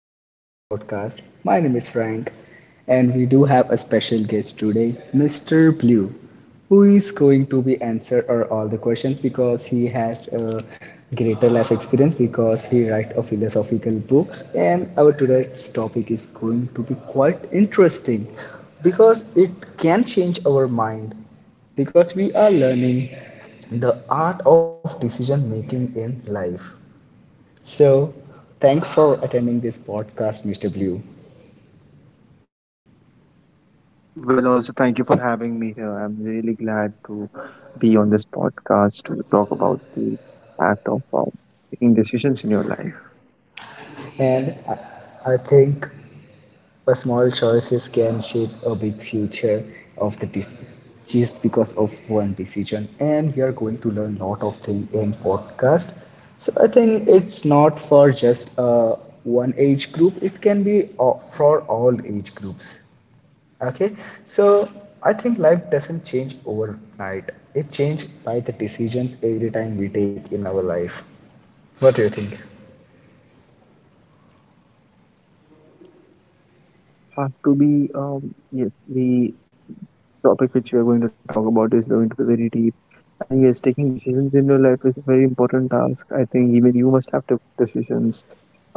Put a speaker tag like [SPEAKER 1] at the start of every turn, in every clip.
[SPEAKER 1] host of this podcast. My name is Frank, and we do have a special guest today, Mr. Blue, who is going to be answer our all the questions because he has a greater life experience because he write a philosophical books and our today's topic is going to be quite interesting because it can change our mind because we are learning the art of decision making in life. So, thanks for attending this podcast, Mr. Blue.
[SPEAKER 2] Well, also, thank you for having me here. I'm really glad to be on this podcast to talk about the act of making decisions in your life.
[SPEAKER 1] And I think a small choices can shape a big future of the de- just because of one decision. And we are going to learn a lot of things in podcast. So I think it's not for just one age group. It can be for all age groups. Okay, so I think life doesn't change overnight. It changes by the decisions every time we take in our life. What do you think?
[SPEAKER 2] Uh, well, things have to be, yes, the topic which we are going to talk about is going to be very deep. And yes, taking decisions in your life is a very important task. I think even you must have took decisions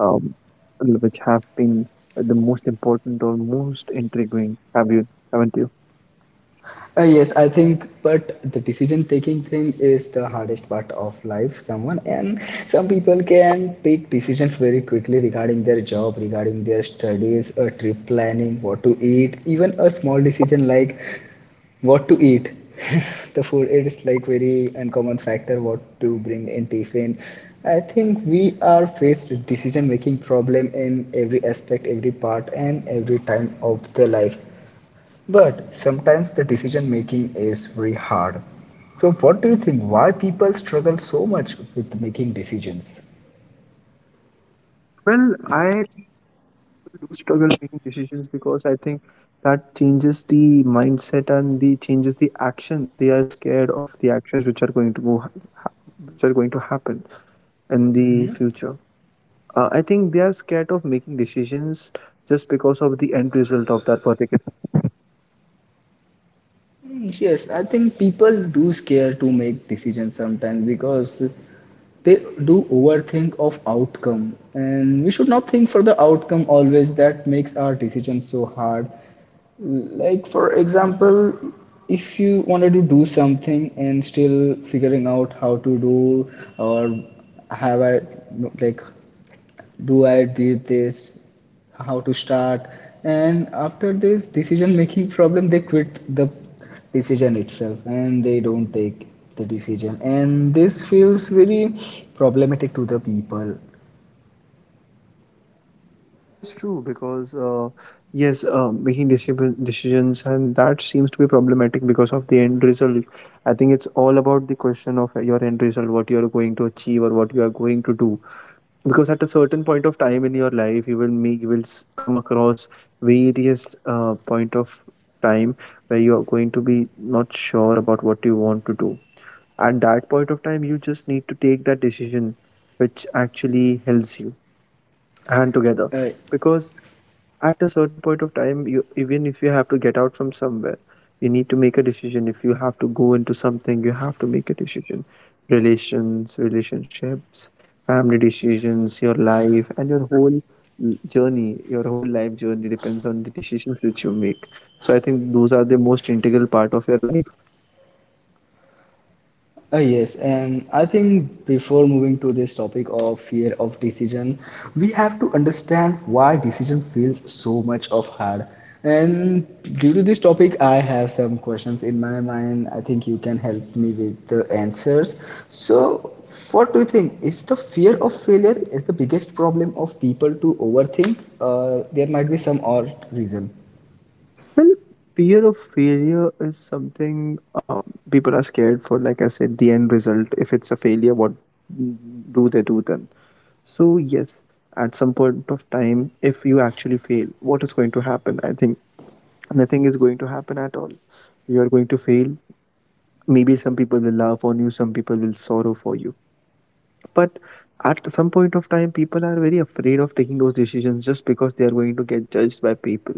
[SPEAKER 2] um, which have been the most important or most intriguing. Have you? Haven't you?
[SPEAKER 1] Yes, I think, but the decision taking thing is the hardest part of life. Someone and some people can take decisions very quickly regarding their job, regarding their studies, a trip planning, what to eat, even a small decision like what to eat. The food it is like very uncommon factor what to bring in tiffin. I think we are faced with decision making problem in every aspect, every part, and every time of the life. But sometimes the decision making is very hard. So, what do you think? Why people struggle so much with making decisions?
[SPEAKER 2] Well, I do struggle making decisions because I think that changes the mindset and the changes the actions. They are scared of the actions which are going to go, ha- which are going to happen in the
[SPEAKER 1] Hmm?
[SPEAKER 2] future. I think they are scared of making decisions just because of the end result of that particular.
[SPEAKER 1] Hmm, yes, I think people do scare to make decisions sometimes because they do overthink of outcome and we should not think for the outcome always that makes our decisions so hard like for example if you wanted to do something and still figuring out how to do or have a like do I did this, how to start, and after this decision making problem, they quit the decision itself and they don't take the decision, and this feels very problematic to the people.
[SPEAKER 2] That is true because yes, making decisions and that seems to be problematic because of the end result. I think it's all about the question of your end result, what you are going to achieve or what you are going to do. Because at a certain point of time in your life, you will make you will come across various point of time where you are going to be not sure about what you want to do. At that point of time, you just need to take that decision which actually helps you and together
[SPEAKER 1] Uh,
[SPEAKER 2] because at a certain point of time you even if you have to get out from somewhere, you need to make a decision. If you have to go into something, you have to make a decision. Relationships, family decisions, your life, and your whole journey, your whole life journey depends on the decisions which you make. So I think those are the most integral part of your life.
[SPEAKER 1] Yes, and I think before moving to this topic of fear of decision, we have to understand why decision feels so much of hard. And due to this topic, I have some questions in my mind. I think you can help me with the answers. So, what do you think? Is the fear of failure is the biggest problem of people to overthink, or there might be some or reason?
[SPEAKER 2] Well, fear of failure is something, um, people are scared for, like I said, the end result. If it's a failure, what do they do then? So, yes, at some point of time, if you actually fail, what is going to happen? I think nothing is going to happen at all. You are going to fail. Maybe some people will laugh on you, some people will sorrow for you, but at some point of time people are very afraid of taking those decisions just because they are going to get judged by people.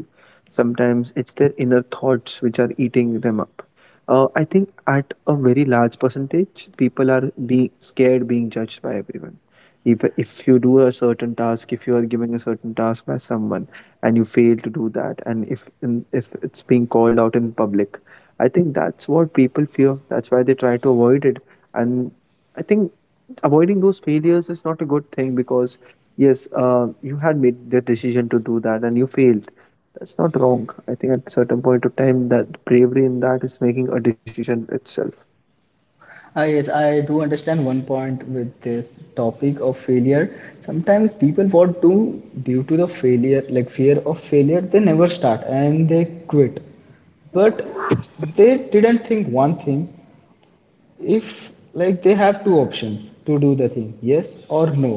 [SPEAKER 2] Sometimes it's their inner thoughts which are eating them up. I think at a very large percentage, people are being scared, being judged by everyone. If you do a certain task, if you are giving a certain task by someone and you fail to do that, and if it's being called out in public, I think that's what people fear. That's why they try to avoid it. And I think avoiding those failures is not a good thing because yes, you had made the decision to do that and you failed. That's not wrong. I think at certain point of time, that bravery in that is making a decision itself.
[SPEAKER 1] Ah, yes, I do understand one point with this topic of failure. Sometimes people want to, due to the failure, like fear of failure, they never start and they quit. But they didn't think one thing if like they have two options to do the thing yes or no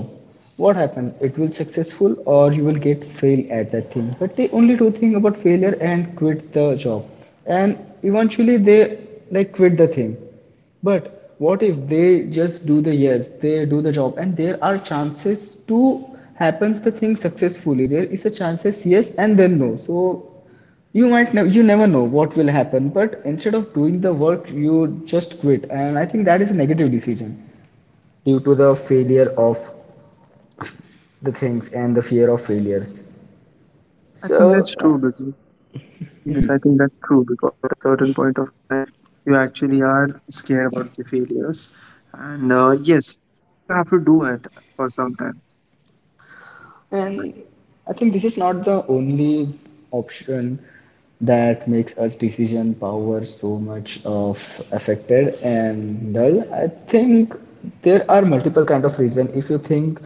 [SPEAKER 1] what happened it will successful or you will get fail at that thing but they only do think about failure and quit the job and eventually they like quit the thing but what if they just do the yes they do the job and there are chances to happens the thing successfully there is a chances yes and then no so you might never you never know what will happen but instead of doing the work you just quit and I think that is a negative decision due to the failure of the things and the fear of failures.
[SPEAKER 2] I think
[SPEAKER 1] so
[SPEAKER 2] that's
[SPEAKER 1] uh,
[SPEAKER 2] true because yes, I think that's true because at a certain point of time, you actually are scared about the failures, and yes, you have to do it for some time.
[SPEAKER 1] And I think this is not the only option that makes us decision power so much of affected and dull. I think there are multiple kind of reason. If you think,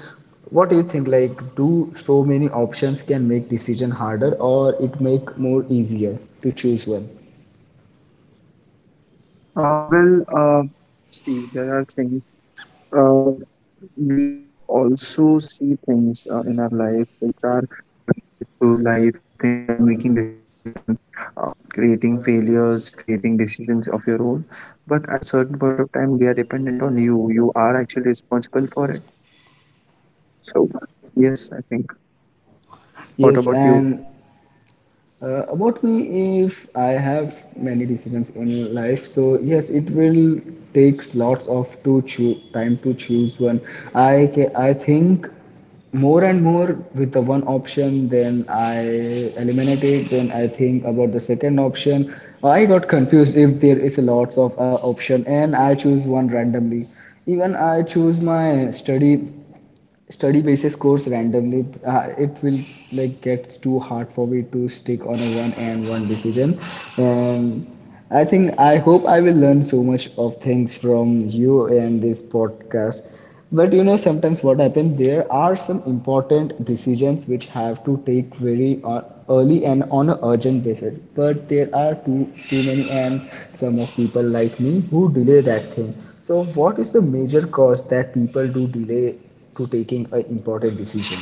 [SPEAKER 1] what do you think? Like, do so many options can make decision harder, or it make more easier to choose one?
[SPEAKER 2] Uh, well, uh, see, there are things. Uh, we also see things in our life which are related to life. I think then making decisions and creating failures, creating decisions of your own. But at certain point of time, they are dependent on you. You are actually responsible for it. So, yes, I think. What
[SPEAKER 1] Yes,
[SPEAKER 2] about you?
[SPEAKER 1] and about me, if I have many decisions in life, so yes, it will takes lots of time to choose one. I think more and more with the one option, then I eliminate it. Then I think about the second option. I got confused if there is a lots of option, and I choose one randomly. Even I choose my study basis course randomly it will like gets too hard for me to stick on a one and one decision and I think I hope I will learn so much of things from you and this podcast but you know sometimes what happens there are some important decisions which have to take very early and on an urgent basis but there are too many and some of people like me who delay that thing so what is the major cause that people do delay to taking an important decision.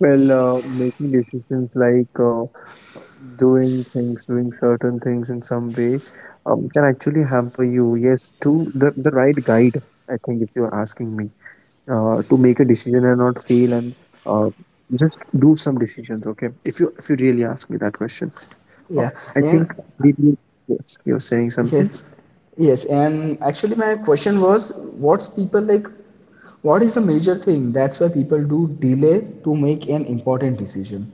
[SPEAKER 2] Well, making decisions like doing things, doing certain things in some way, can actually hamper you. Yes, to the right guide, I think, if you're asking me, to make a decision and not fail, and uh, just do some decisions. Okay, if you really ask me that question, uh,
[SPEAKER 1] Yeah,
[SPEAKER 2] I
[SPEAKER 1] and
[SPEAKER 2] think yes, you're saying something.
[SPEAKER 1] yes, yes, and actually, my question was, what's people like? What is the major thing? That's why people do delay to make an important decision.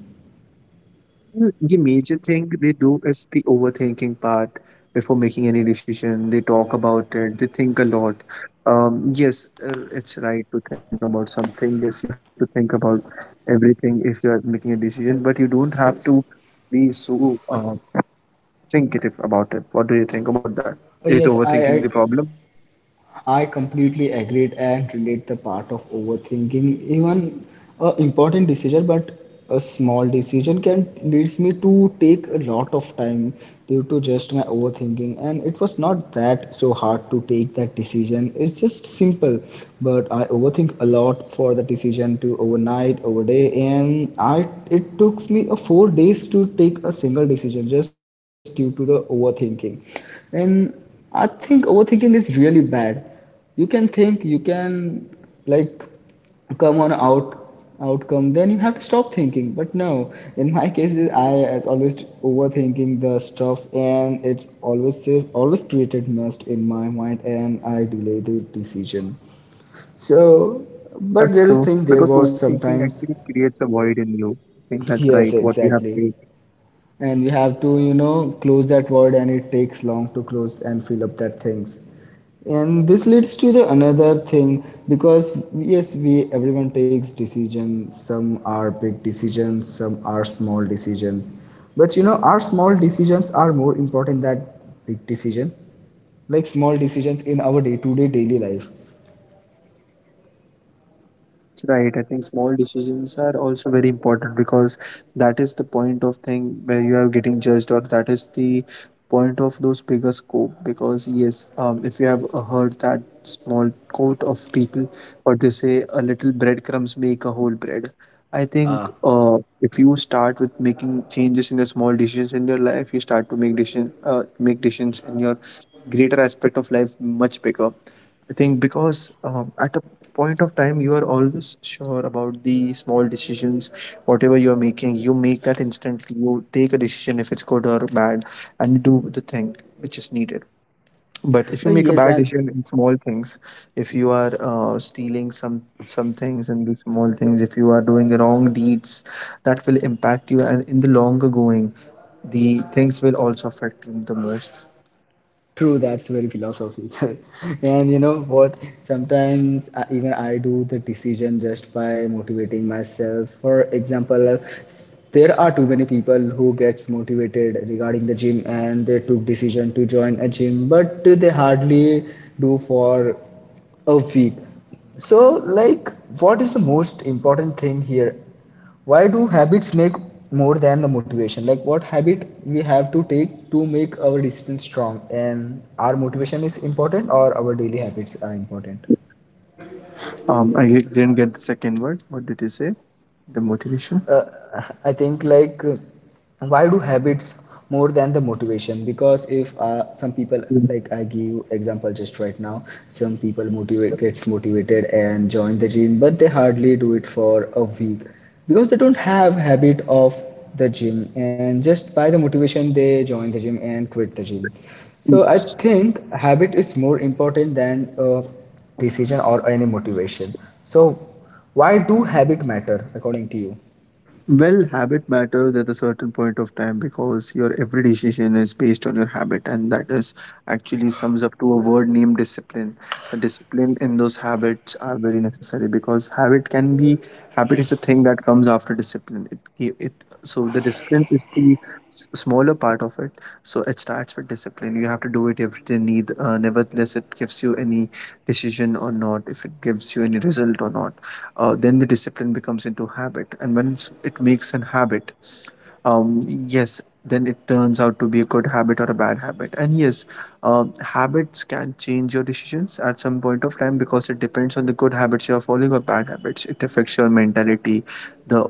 [SPEAKER 2] Well, the major thing they do is the overthinking part before making any decision. They talk about it, they think a lot. Yes, it's right to think about something. Yes, you have to think about everything if you are making a decision, but you don't have to be so thinkative about it. What do you think about that?
[SPEAKER 1] Uh,
[SPEAKER 2] Is
[SPEAKER 1] yes, I,
[SPEAKER 2] overthinking the
[SPEAKER 1] I
[SPEAKER 2] problem?
[SPEAKER 1] I completely agreed and relate the part of overthinking. Even a important decision, but a small decision can leads me to take a lot of time due to just my overthinking. And it was not that so hard to take that decision. It's just simple, but I overthink a lot for the decision to overnight, over day, and I it took me a 4 days to take a single decision just due to the overthinking. And I think overthinking is really bad you can think you can like come on out outcome then you have to stop thinking but no in my case I as always overthinking the stuff and it's always says always created mess in my mind and I delay the decision. so but
[SPEAKER 2] That's
[SPEAKER 1] there is
[SPEAKER 2] true.
[SPEAKER 1] thing there
[SPEAKER 2] Because
[SPEAKER 1] was
[SPEAKER 2] overthinking
[SPEAKER 1] sometimes
[SPEAKER 2] actually creates a void in you. I think that's right,
[SPEAKER 1] Yes,
[SPEAKER 2] what you have
[SPEAKER 1] exactly,
[SPEAKER 2] said.
[SPEAKER 1] and we have to you know close that word and it takes long to close and fill up that things. And this leads to the another thing because yes, we everyone takes decisions. Some are big decisions, some are small decisions. But you know, our small decisions are more important than big decision. Like small decisions in our day-to-day daily life.
[SPEAKER 2] That's right. I think small decisions are also very important because that is the point of thing where you are getting judged, or that is the point of those bigger scope. Because yes, if you have heard that small quote of people, or they say a little breadcrumbs make a whole bread. I think
[SPEAKER 1] Uh,
[SPEAKER 2] if you start with making changes in your small decisions in your life, you start to make decision, make decisions in your greater aspect of life much bigger. I think because at a point of time you are always sure about the small decisions. Whatever you're making, you make that instantly. You take a decision if it's good or bad, and you do the thing which is needed. But if you make
[SPEAKER 1] Yes,
[SPEAKER 2] a bad
[SPEAKER 1] and
[SPEAKER 2] decision in small things, if you are stealing some things in the small things, if you are doing the wrong deeds, that will impact you, and in the longer going, the things will also affect you the most.
[SPEAKER 1] True, that's very philosophical. And you know what? Even I do the decision just by motivating myself. For example, there are too many people who gets motivated regarding the gym and they took decision to join a gym, but they hardly do for a week. So, like, what is the most important thing here? Why do habits make more than the motivation like what habit we have to take to make our decision strong and our motivation is important or our daily habits are important.
[SPEAKER 2] I didn't get the second word. What did you say? The motivation?
[SPEAKER 1] Uh, I think like Why do habits more than the motivation because if some people like I give example just right now some people motivate gets motivated and join the gym but they hardly do it for a week because they don't have habit of the gym and just by the motivation they join the gym and quit the gym so I think habit is more important than a decision or any motivation so why do habit matter according to you?
[SPEAKER 2] Well, habit matters at a certain point of time because your every decision is based on your habit, and that is actually sums up to a word named discipline. The discipline in those habits are very necessary because habit can be habit is a thing that comes after discipline. It So the discipline is the smaller part of it. So it starts with discipline. You have to do it every day, need nevertheless it gives you any decision or not, if it gives you any result or not. Then the discipline becomes into habit, and once it makes an habit, yes, then it turns out to be a good habit or a bad habit. And yes, habits can change your decisions at some point of time because it depends on the good habits you are following or bad habits. It affects your mentality, the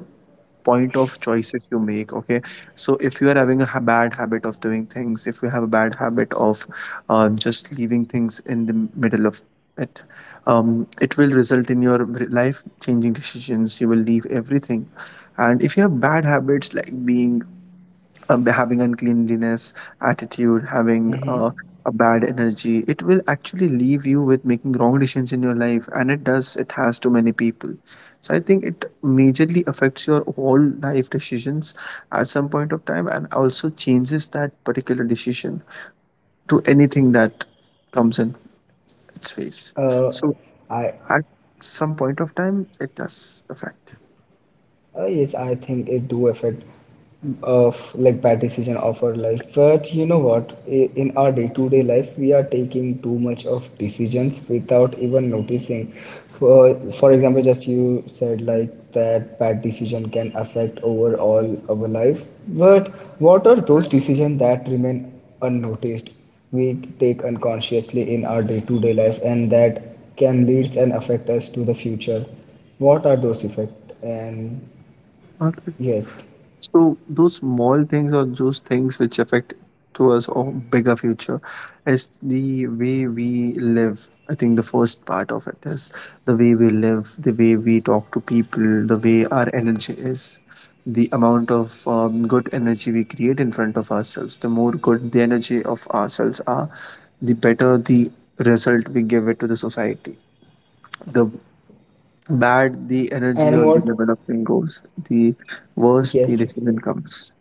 [SPEAKER 2] point of choices you make. Okay, so if you are having a bad habit of doing things, if you have a bad habit of just leaving things in the middle of it, it will result in your life changing decisions. You will leave everything. And if you have bad habits like being, having uncleanliness attitude, having
[SPEAKER 1] Mm-hmm.
[SPEAKER 2] a bad energy, it will actually leave you with making wrong decisions in your life, and it does, it has to many people. So I think it majorly affects your whole life decisions at some point of time, and also changes that particular decision to anything that comes in its face.
[SPEAKER 1] Uh,
[SPEAKER 2] So
[SPEAKER 1] I
[SPEAKER 2] at some point of time, it does affect.
[SPEAKER 1] Yes, I think it do affect of like bad decision of our life. But you know what? In our day-to-day life, we are taking too much of decisions without even noticing. For for example, just you said like that bad decision can affect overall our life. But what are those decisions that remain unnoticed? We take unconsciously in our day-to-day life, and that can lead and affect us to the future. What are those effects? And
[SPEAKER 2] Not-
[SPEAKER 1] yes.
[SPEAKER 2] so those small things, or those things which affect to us or bigger future, is the way we live. I think the first part of it is the way we live, the way we talk to people, the way our energy is, the amount of good energy we create in front of ourselves. The more good the energy of ourselves are, the better the result we give it to the society. The bad
[SPEAKER 1] And
[SPEAKER 2] the
[SPEAKER 1] what?
[SPEAKER 2] energy or the level of thing goes, the
[SPEAKER 1] Yes.
[SPEAKER 2] worse the decision comes.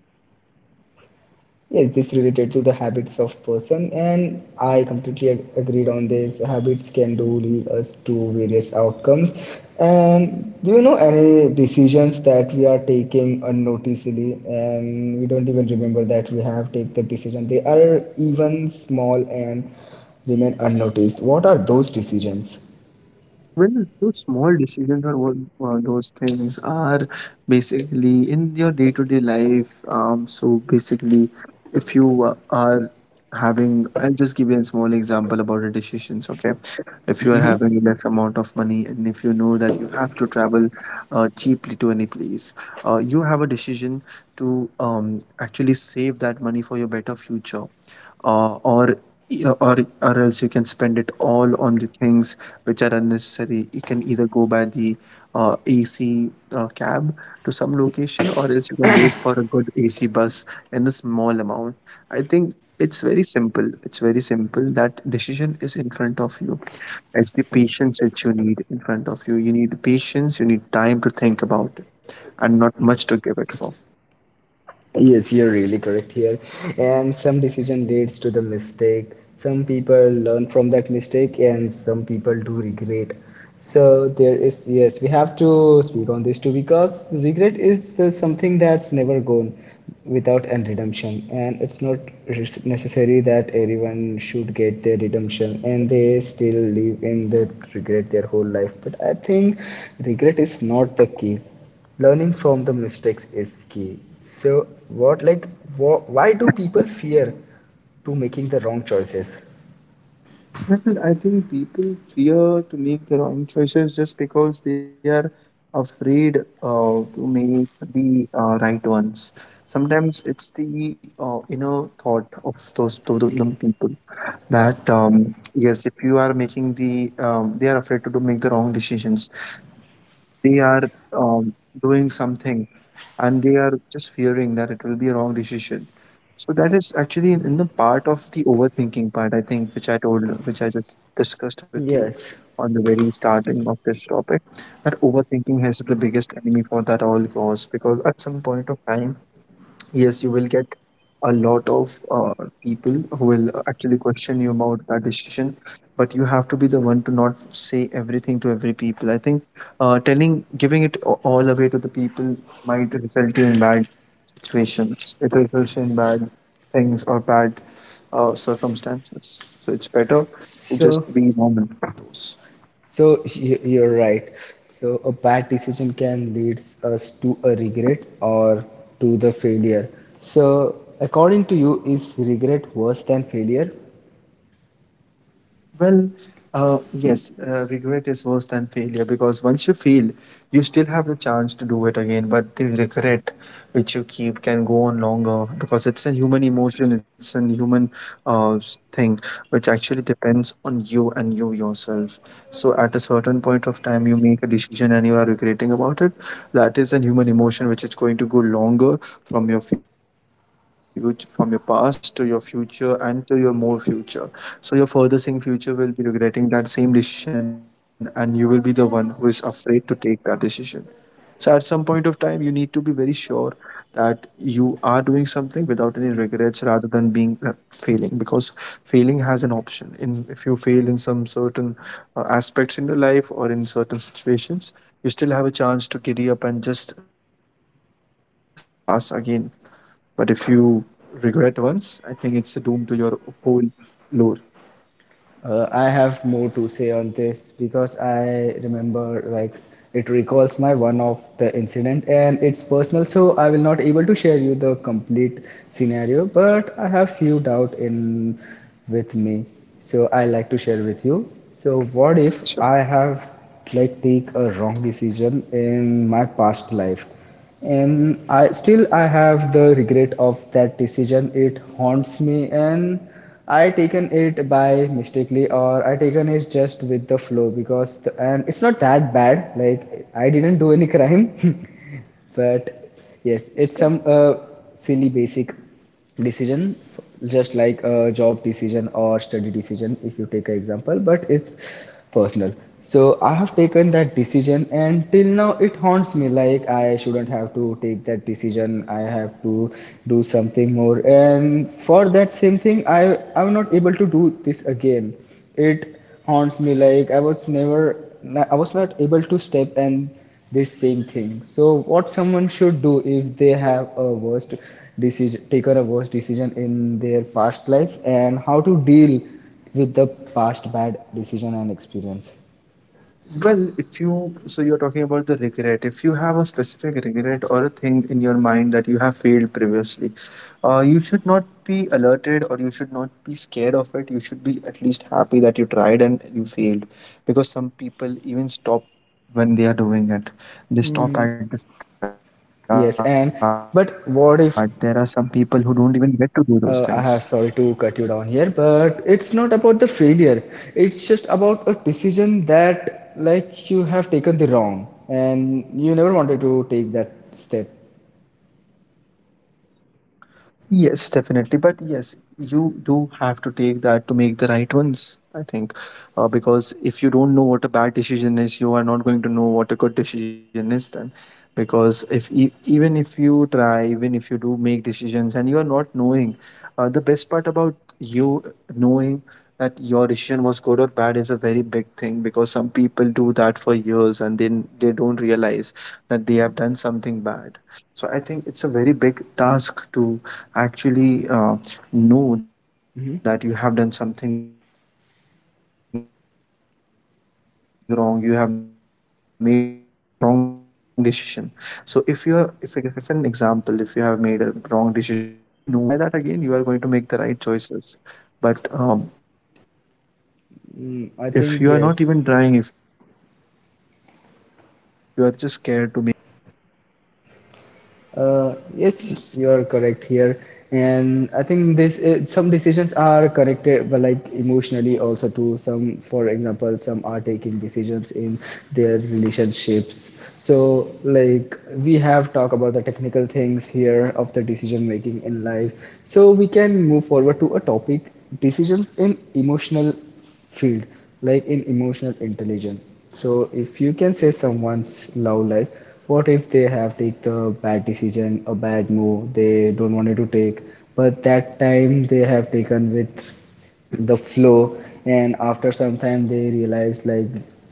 [SPEAKER 1] Yes, this related to the habits of person and I completely agreed on this. Habits can do lead us to various outcomes. And do you know any decisions that we are taking unnoticedly and we don't even remember that we have take the decision. They are even small and remain unnoticed. What are those decisions?
[SPEAKER 2] Well, those small decisions, or what, those things are basically in your day-to-day life. So basically, if you are having, I'll just give you a small example about the decisions. Okay, if you are having less amount of money and if you know that you have to travel cheaply to any place, you have a decision to actually save that money for your better future, or. Or else you can spend it all on the things which are unnecessary. You can either go by the AC cab to some location, or else you can wait for a good AC bus in the small amount. I think it's very simple. It's very simple. That decision is in front of you. It's the patience which you need in front of you. You need patience, you need time to think about it, and not much to give it for.
[SPEAKER 1] Yes, you're really correct here. And some decision leads to the mistake. Some people learn from that mistake, and some people do regret. So there is yes, we have to speak on this too because regret is the something that's never gone without an redemption, and it's not necessary that everyone should get their redemption, and they still live in the regret their whole life. But I think regret is not the key. Learning from the mistakes is key. So, what like why do people fear to making the wrong choices?
[SPEAKER 2] Well, I think people fear to make the wrong choices just because they are afraid to make the right ones. Sometimes it's the inner thought of those people that if you are making they are afraid to do make the wrong decisions they are um, doing something, and they are just fearing that it will be a wrong decision. So that is actually in the part of the overthinking part, I think, which I told, which I just discussed with you
[SPEAKER 1] Yes.
[SPEAKER 2] on the very starting of this topic. That overthinking is the biggest enemy for that all cause, because at some point of time, yes, you will get a lot of people who will actually question you about that decision. But you have to be the one to not say everything to every people, I think. Telling Giving it all away to the people might result you in bad situations. It results in bad things or bad circumstances, so it's better to just
[SPEAKER 1] So,
[SPEAKER 2] be normal with those.
[SPEAKER 1] you're right. So a bad decision can lead us to a regret or to the failure. So, according to you, is regret worse than failure?
[SPEAKER 2] Well, yes, regret is worse than failure, because once you fail, you still have the chance to do it again. But the regret which you keep can go on longer, because it's a human emotion, it's a human thing which actually depends on you and you yourself. So at a certain point of time, you make a decision and you are regretting about it. That is a human emotion which is going to go longer from your future, from your past to your future and to your more future. So your further seeing future will be regretting that same decision, and you will be the one who is afraid to take that decision. So at some point of time, you need to be very sure that you are doing something without any regrets rather than being failing, because failing has an option in. If you fail in some certain aspects in your life or in certain situations, you still have a chance to giddy up and just start with a positive attitude to pass again. But if you regret once, I think it's a doom to your whole lore.
[SPEAKER 1] I have more to say on this because I remember like it recalls my one of the incident and it's personal so I will not able to share you the complete scenario but I have few doubt in with me so I like to share with you. So what
[SPEAKER 2] Sure.
[SPEAKER 1] if I have like take a wrong decision in my past life? And I have the regret of that decision. It haunts me, and I taken it by mistakenly, or I taken it just with the flow because the, and it's not that bad, like I didn't do any crime but yes, it's some silly basic decision, just like a job decision or study decision if you take an example, but it's personal. So I have taken that decision and till now it haunts me, like I shouldn't have to take that decision, I have to do something more, and for that same thing I am not able to do this again. It haunts me, like I was never, I was not able to step and this same thing. So what someone should do if they have a worst decision, taken a worst decision in their past life, and how to deal with the past bad decision and experience?
[SPEAKER 2] Well, if you, so you are talking about the regret. If you have a specific regret or a thing in your mind that you have failed previously, you should not be alerted, or you should not be scared of it. You should be at least happy that you tried and you failed, because some people even stop when they are doing it. They stop
[SPEAKER 1] Mm,
[SPEAKER 2] at the start. There are some people who
[SPEAKER 1] yes,
[SPEAKER 2] don't
[SPEAKER 1] and
[SPEAKER 2] even get to do those
[SPEAKER 1] but what
[SPEAKER 2] things.
[SPEAKER 1] if. I have sorry to cut you down here, but it's not about the failure. It's just about a decision that, like, you have taken the wrong and you never wanted to take that step.
[SPEAKER 2] Yes, definitely. But yes, you do have to take that to make the right ones, I think. Because if you don't know what a bad decision is, you are not going to know what a good decision is then. Because if e even if you try, even if you do make decisions and you are not knowing, the best part about you knowing that your decision was good or bad is a very big thing, because some people do that for years and then they don't realize that they have done something bad. So I think it's a very big task to actually know that you have done
[SPEAKER 1] Hmm.
[SPEAKER 2] something wrong, you have made the wrong decision. So if you are, if an example, if you have made a wrong decision at some certain point of time, you will be knowing about that particular decision that you made did it wrong. So next time, if you try that again, you are going to make the right choices. But if you are not even trying, if you are
[SPEAKER 1] Mm, I
[SPEAKER 2] just
[SPEAKER 1] think,
[SPEAKER 2] scared to make
[SPEAKER 1] yes.
[SPEAKER 2] the decision harmful,
[SPEAKER 1] Yes,
[SPEAKER 2] yes.
[SPEAKER 1] you are correct here, and I think this some decisions are connected, but like emotionally also too. Some, for example, some are taking decisions in their relationships. So like we have talked about the technical things here of the decision making in life. So we can move forward to a topic: decisions in emotional field, like in emotional intelligence. So if you can say someone's love life, what if they have take the bad decision, a bad move they don't wanted to take, but that time they have taken with the flow, and after some time they realize, like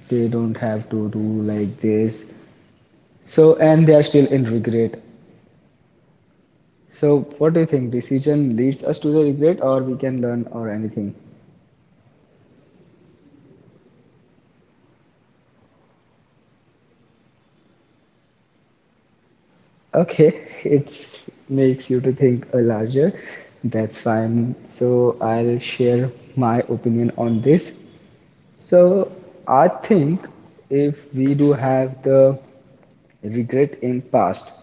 [SPEAKER 1] they don't have to do like this, so and they are still in regret. So what do you think,
[SPEAKER 2] Well,
[SPEAKER 1] decision leads us to the regret, or we can learn, or anything?
[SPEAKER 2] decisions do lead us to regret, they will do it. Yes, if you are talking about love life, even if you are talking about
[SPEAKER 1] Okay,
[SPEAKER 2] relations,
[SPEAKER 1] it
[SPEAKER 2] love life,
[SPEAKER 1] makes
[SPEAKER 2] if
[SPEAKER 1] you
[SPEAKER 2] you
[SPEAKER 1] to
[SPEAKER 2] have,
[SPEAKER 1] think a larger. That's fine.
[SPEAKER 2] yes,
[SPEAKER 1] So I'll share my opinion on this. So
[SPEAKER 2] sure.
[SPEAKER 1] I think if we do have the regret in past,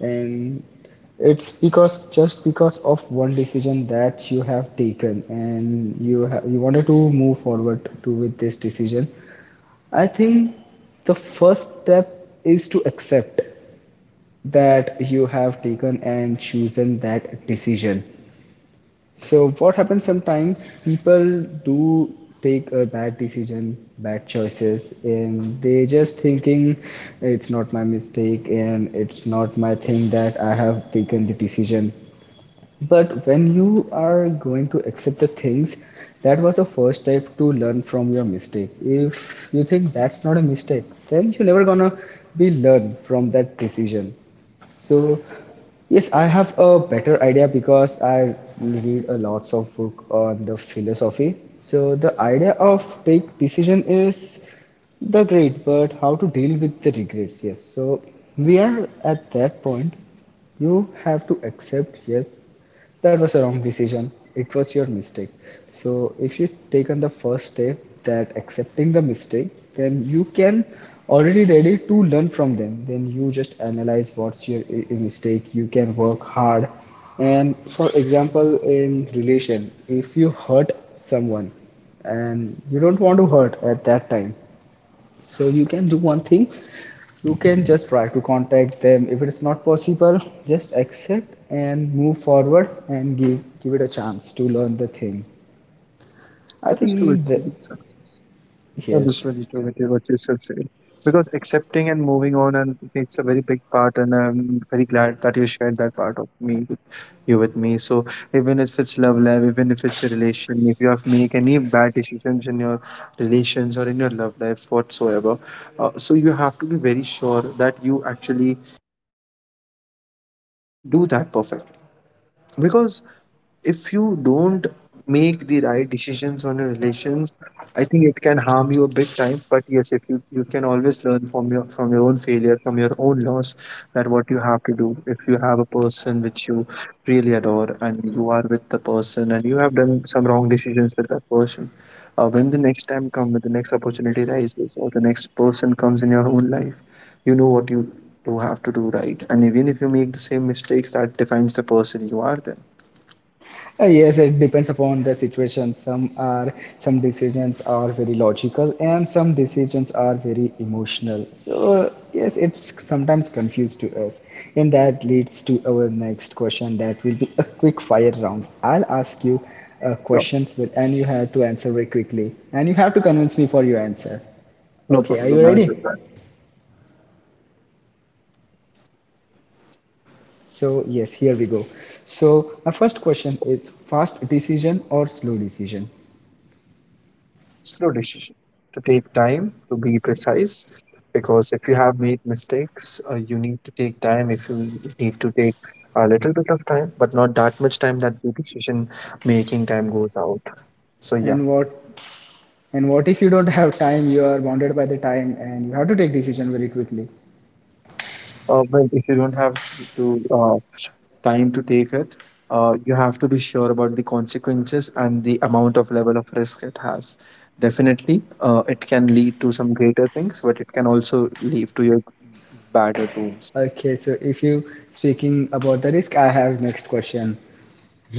[SPEAKER 1] and it's because just because of one decision that you have taken and you you wanted to move forward to with this decision, I think the first step is to accept that you have taken and chosen that decision. So, what happens sometimes, people do take a bad decision, bad choices, and they just thinking it's not my mistake and it's not my thing that I have taken the decision. But when you are going to accept the things, that was the first step to learn from your mistake. If you think that's not a mistake, then you're never gonna be learn from that decision. So,
[SPEAKER 2] Okay.
[SPEAKER 1] yes, I have a better idea because I read a lots of book on the philosophy. So the idea of take decision is the great, but how to deal with the regrets? Yes. So we are at that point. You have to accept, yes, that was a wrong decision, it was your mistake. So if you taken the first step, that accepting the mistake, then you can already ready to learn from them, then you just analyze what's your mistake, you can work hard. And for example, in relation, if you hurt someone and you don't want to hurt at that time, so you can do one thing. You can just try to contact them. If it is not possible, just accept and move forward and give it a chance to learn the thing. I
[SPEAKER 2] That is true
[SPEAKER 1] think that,
[SPEAKER 2] experience. Success. That is very
[SPEAKER 1] yes.
[SPEAKER 2] true with you, what you should say. Because accepting and moving on, and it's a very big part, and I'm very glad that you shared that part of me you with me. So even if it's love life, even if it's a relation, if you have make any bad decisions in your relations or in your love life whatsoever, so you have to be very sure that you actually do that perfectly. Because if you don't make the right decisions on your relations, I think it can harm you a big time. But yes, if you, you can always learn from your own failure, from your own loss, that what you have to do. If you have a person which you really adore and you are with the person and you have done some wrong decisions with that person, when the next time come, when the next opportunity rises or the next person comes in your own life, you know what you do have to do right. And even if you make the same mistakes, that defines the person you are then.
[SPEAKER 1] Yes, it depends upon the situation. Some are, some decisions are very logical and some decisions are very emotional. So yes, it's sometimes confused to us. And that leads to our next question that will be a quick fire round. I'll ask you
[SPEAKER 2] Sure,
[SPEAKER 1] questions, but and you have to answer very quickly. And you have to convince me for your answer.
[SPEAKER 2] no
[SPEAKER 1] Okay, are you
[SPEAKER 2] problem, I'll
[SPEAKER 1] ready?
[SPEAKER 2] do that. I'm completely ready.
[SPEAKER 1] So yes, here we go. So my first question is fast decision or slow decision?
[SPEAKER 2] Slow decision, to take time to be precise. Because if you have made mistakes, you need to take time, if you need to take a little bit of time, but not that much time that the decision making time goes out. So yeah.
[SPEAKER 1] And what? And what if you don't have time? You are bounded by the time, and you have to take decision very quickly.
[SPEAKER 2] Uh, well, if you don't have to time to take it, you have to be sure about the consequences and the amount of level of risk it has. Definitely it can lead to some greater things, but it can also lead to your badder tombs.
[SPEAKER 1] Okay, so if you speaking about the risk, I have next question.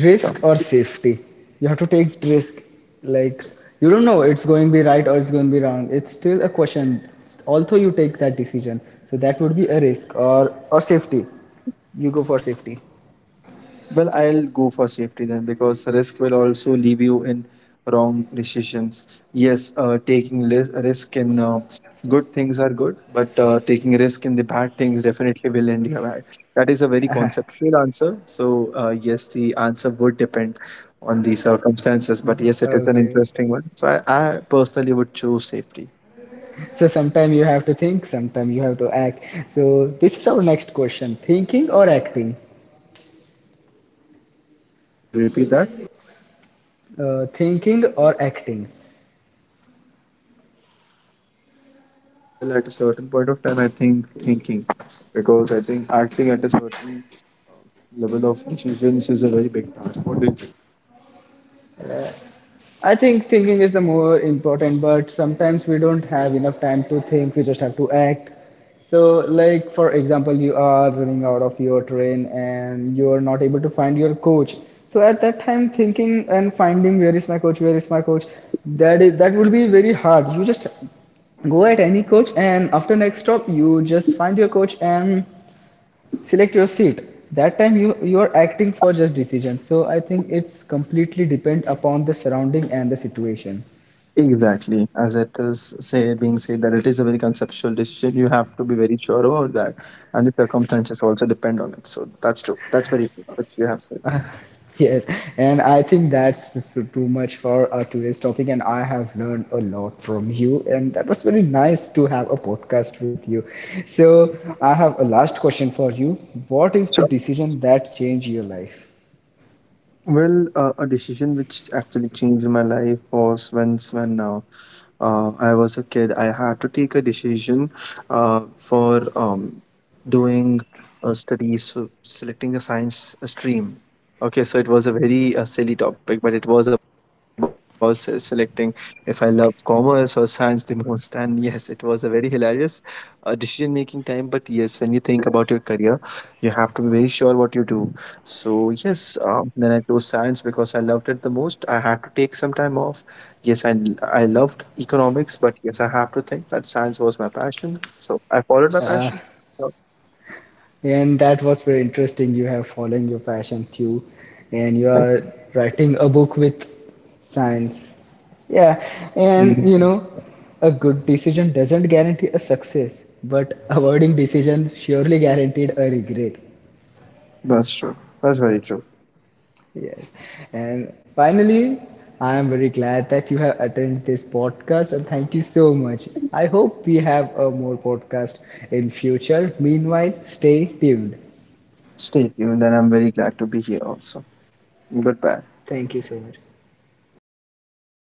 [SPEAKER 1] Risk or safety? You have to take risk. Like you don't know it's going to be right or it's going to be wrong. It's still a question. Although you take that decision, so that would be a risk or safety. You go for safety.
[SPEAKER 2] Well, I'll go for safety then, because risk will also leave you in wrong decisions. Yes, taking risk in good things are good, but taking risk in the bad things definitely will end you bad. That is a very conceptual answer. So, yes, the answer would depend on the circumstances, but yes, it is an
[SPEAKER 1] Okay.
[SPEAKER 2] interesting one. So, I personally would choose safety.
[SPEAKER 1] So sometimes you have to think, sometimes you have to act. So this is our next question: thinking or acting?
[SPEAKER 2] Well, would you would repeat that?
[SPEAKER 1] Thinking or acting?
[SPEAKER 2] Well, at a certain point of time, I think thinking, because I think acting at a certain level of decisions is a very big task. What do you think?
[SPEAKER 1] I think thinking is the more important, but sometimes we don't have enough time to think, we just have to act. So, like for example, you are running out of your train and you are not able to find your coach. So at that time, thinking and finding where is my coach, where is my coach, that is that will be very hard. You just go at any coach and after next stop you just find your coach and select your seat. That time you are acting for just decision, so I think it's completely depend upon the surrounding and the situation.
[SPEAKER 2] Exactly, as it is say being said that it is a very conceptual decision. You have to be very sure about that, and the circumstances also depend on it. So that's true. That's very true, what you have said.
[SPEAKER 1] Yes, and I think that's too much for our today's topic, and I have learned a lot from you, and that was very nice to have a podcast with you. So I have a last question for you. What is
[SPEAKER 2] So,
[SPEAKER 1] the decision that changed your life?
[SPEAKER 2] well, a decision which actually changed my life was once when I was a kid. I had to take a decision for doing studies, so selecting a science stream. Okay, so it was a very silly topic, but it was about selecting if I love commerce or science the most. And yes, it was a very hilarious decision making time. But yes, when you think about your career, you have to be very sure what you do. So yes, then I chose science because I loved it the most. I had to take some time off. Yes, I loved economics, but yes, I have to think that science was my passion. So I followed my
[SPEAKER 1] Uh,
[SPEAKER 2] passion. So,
[SPEAKER 1] And that was very interesting. You have following your passion too, and you
[SPEAKER 2] I-
[SPEAKER 1] are writing a book with science. Yeah, and you know, a good decision doesn't guarantee a success, but avoiding decision surely guaranteed a regret.
[SPEAKER 2] that's true. That's very true.
[SPEAKER 1] Yes. And finally, I am very glad that you have attended this podcast, and thank you so much. I hope we have a more podcast in future. Meanwhile, stay tuned.
[SPEAKER 2] Stay tuned, and I'm very glad to be here also. Goodbye.
[SPEAKER 1] Thank you so much.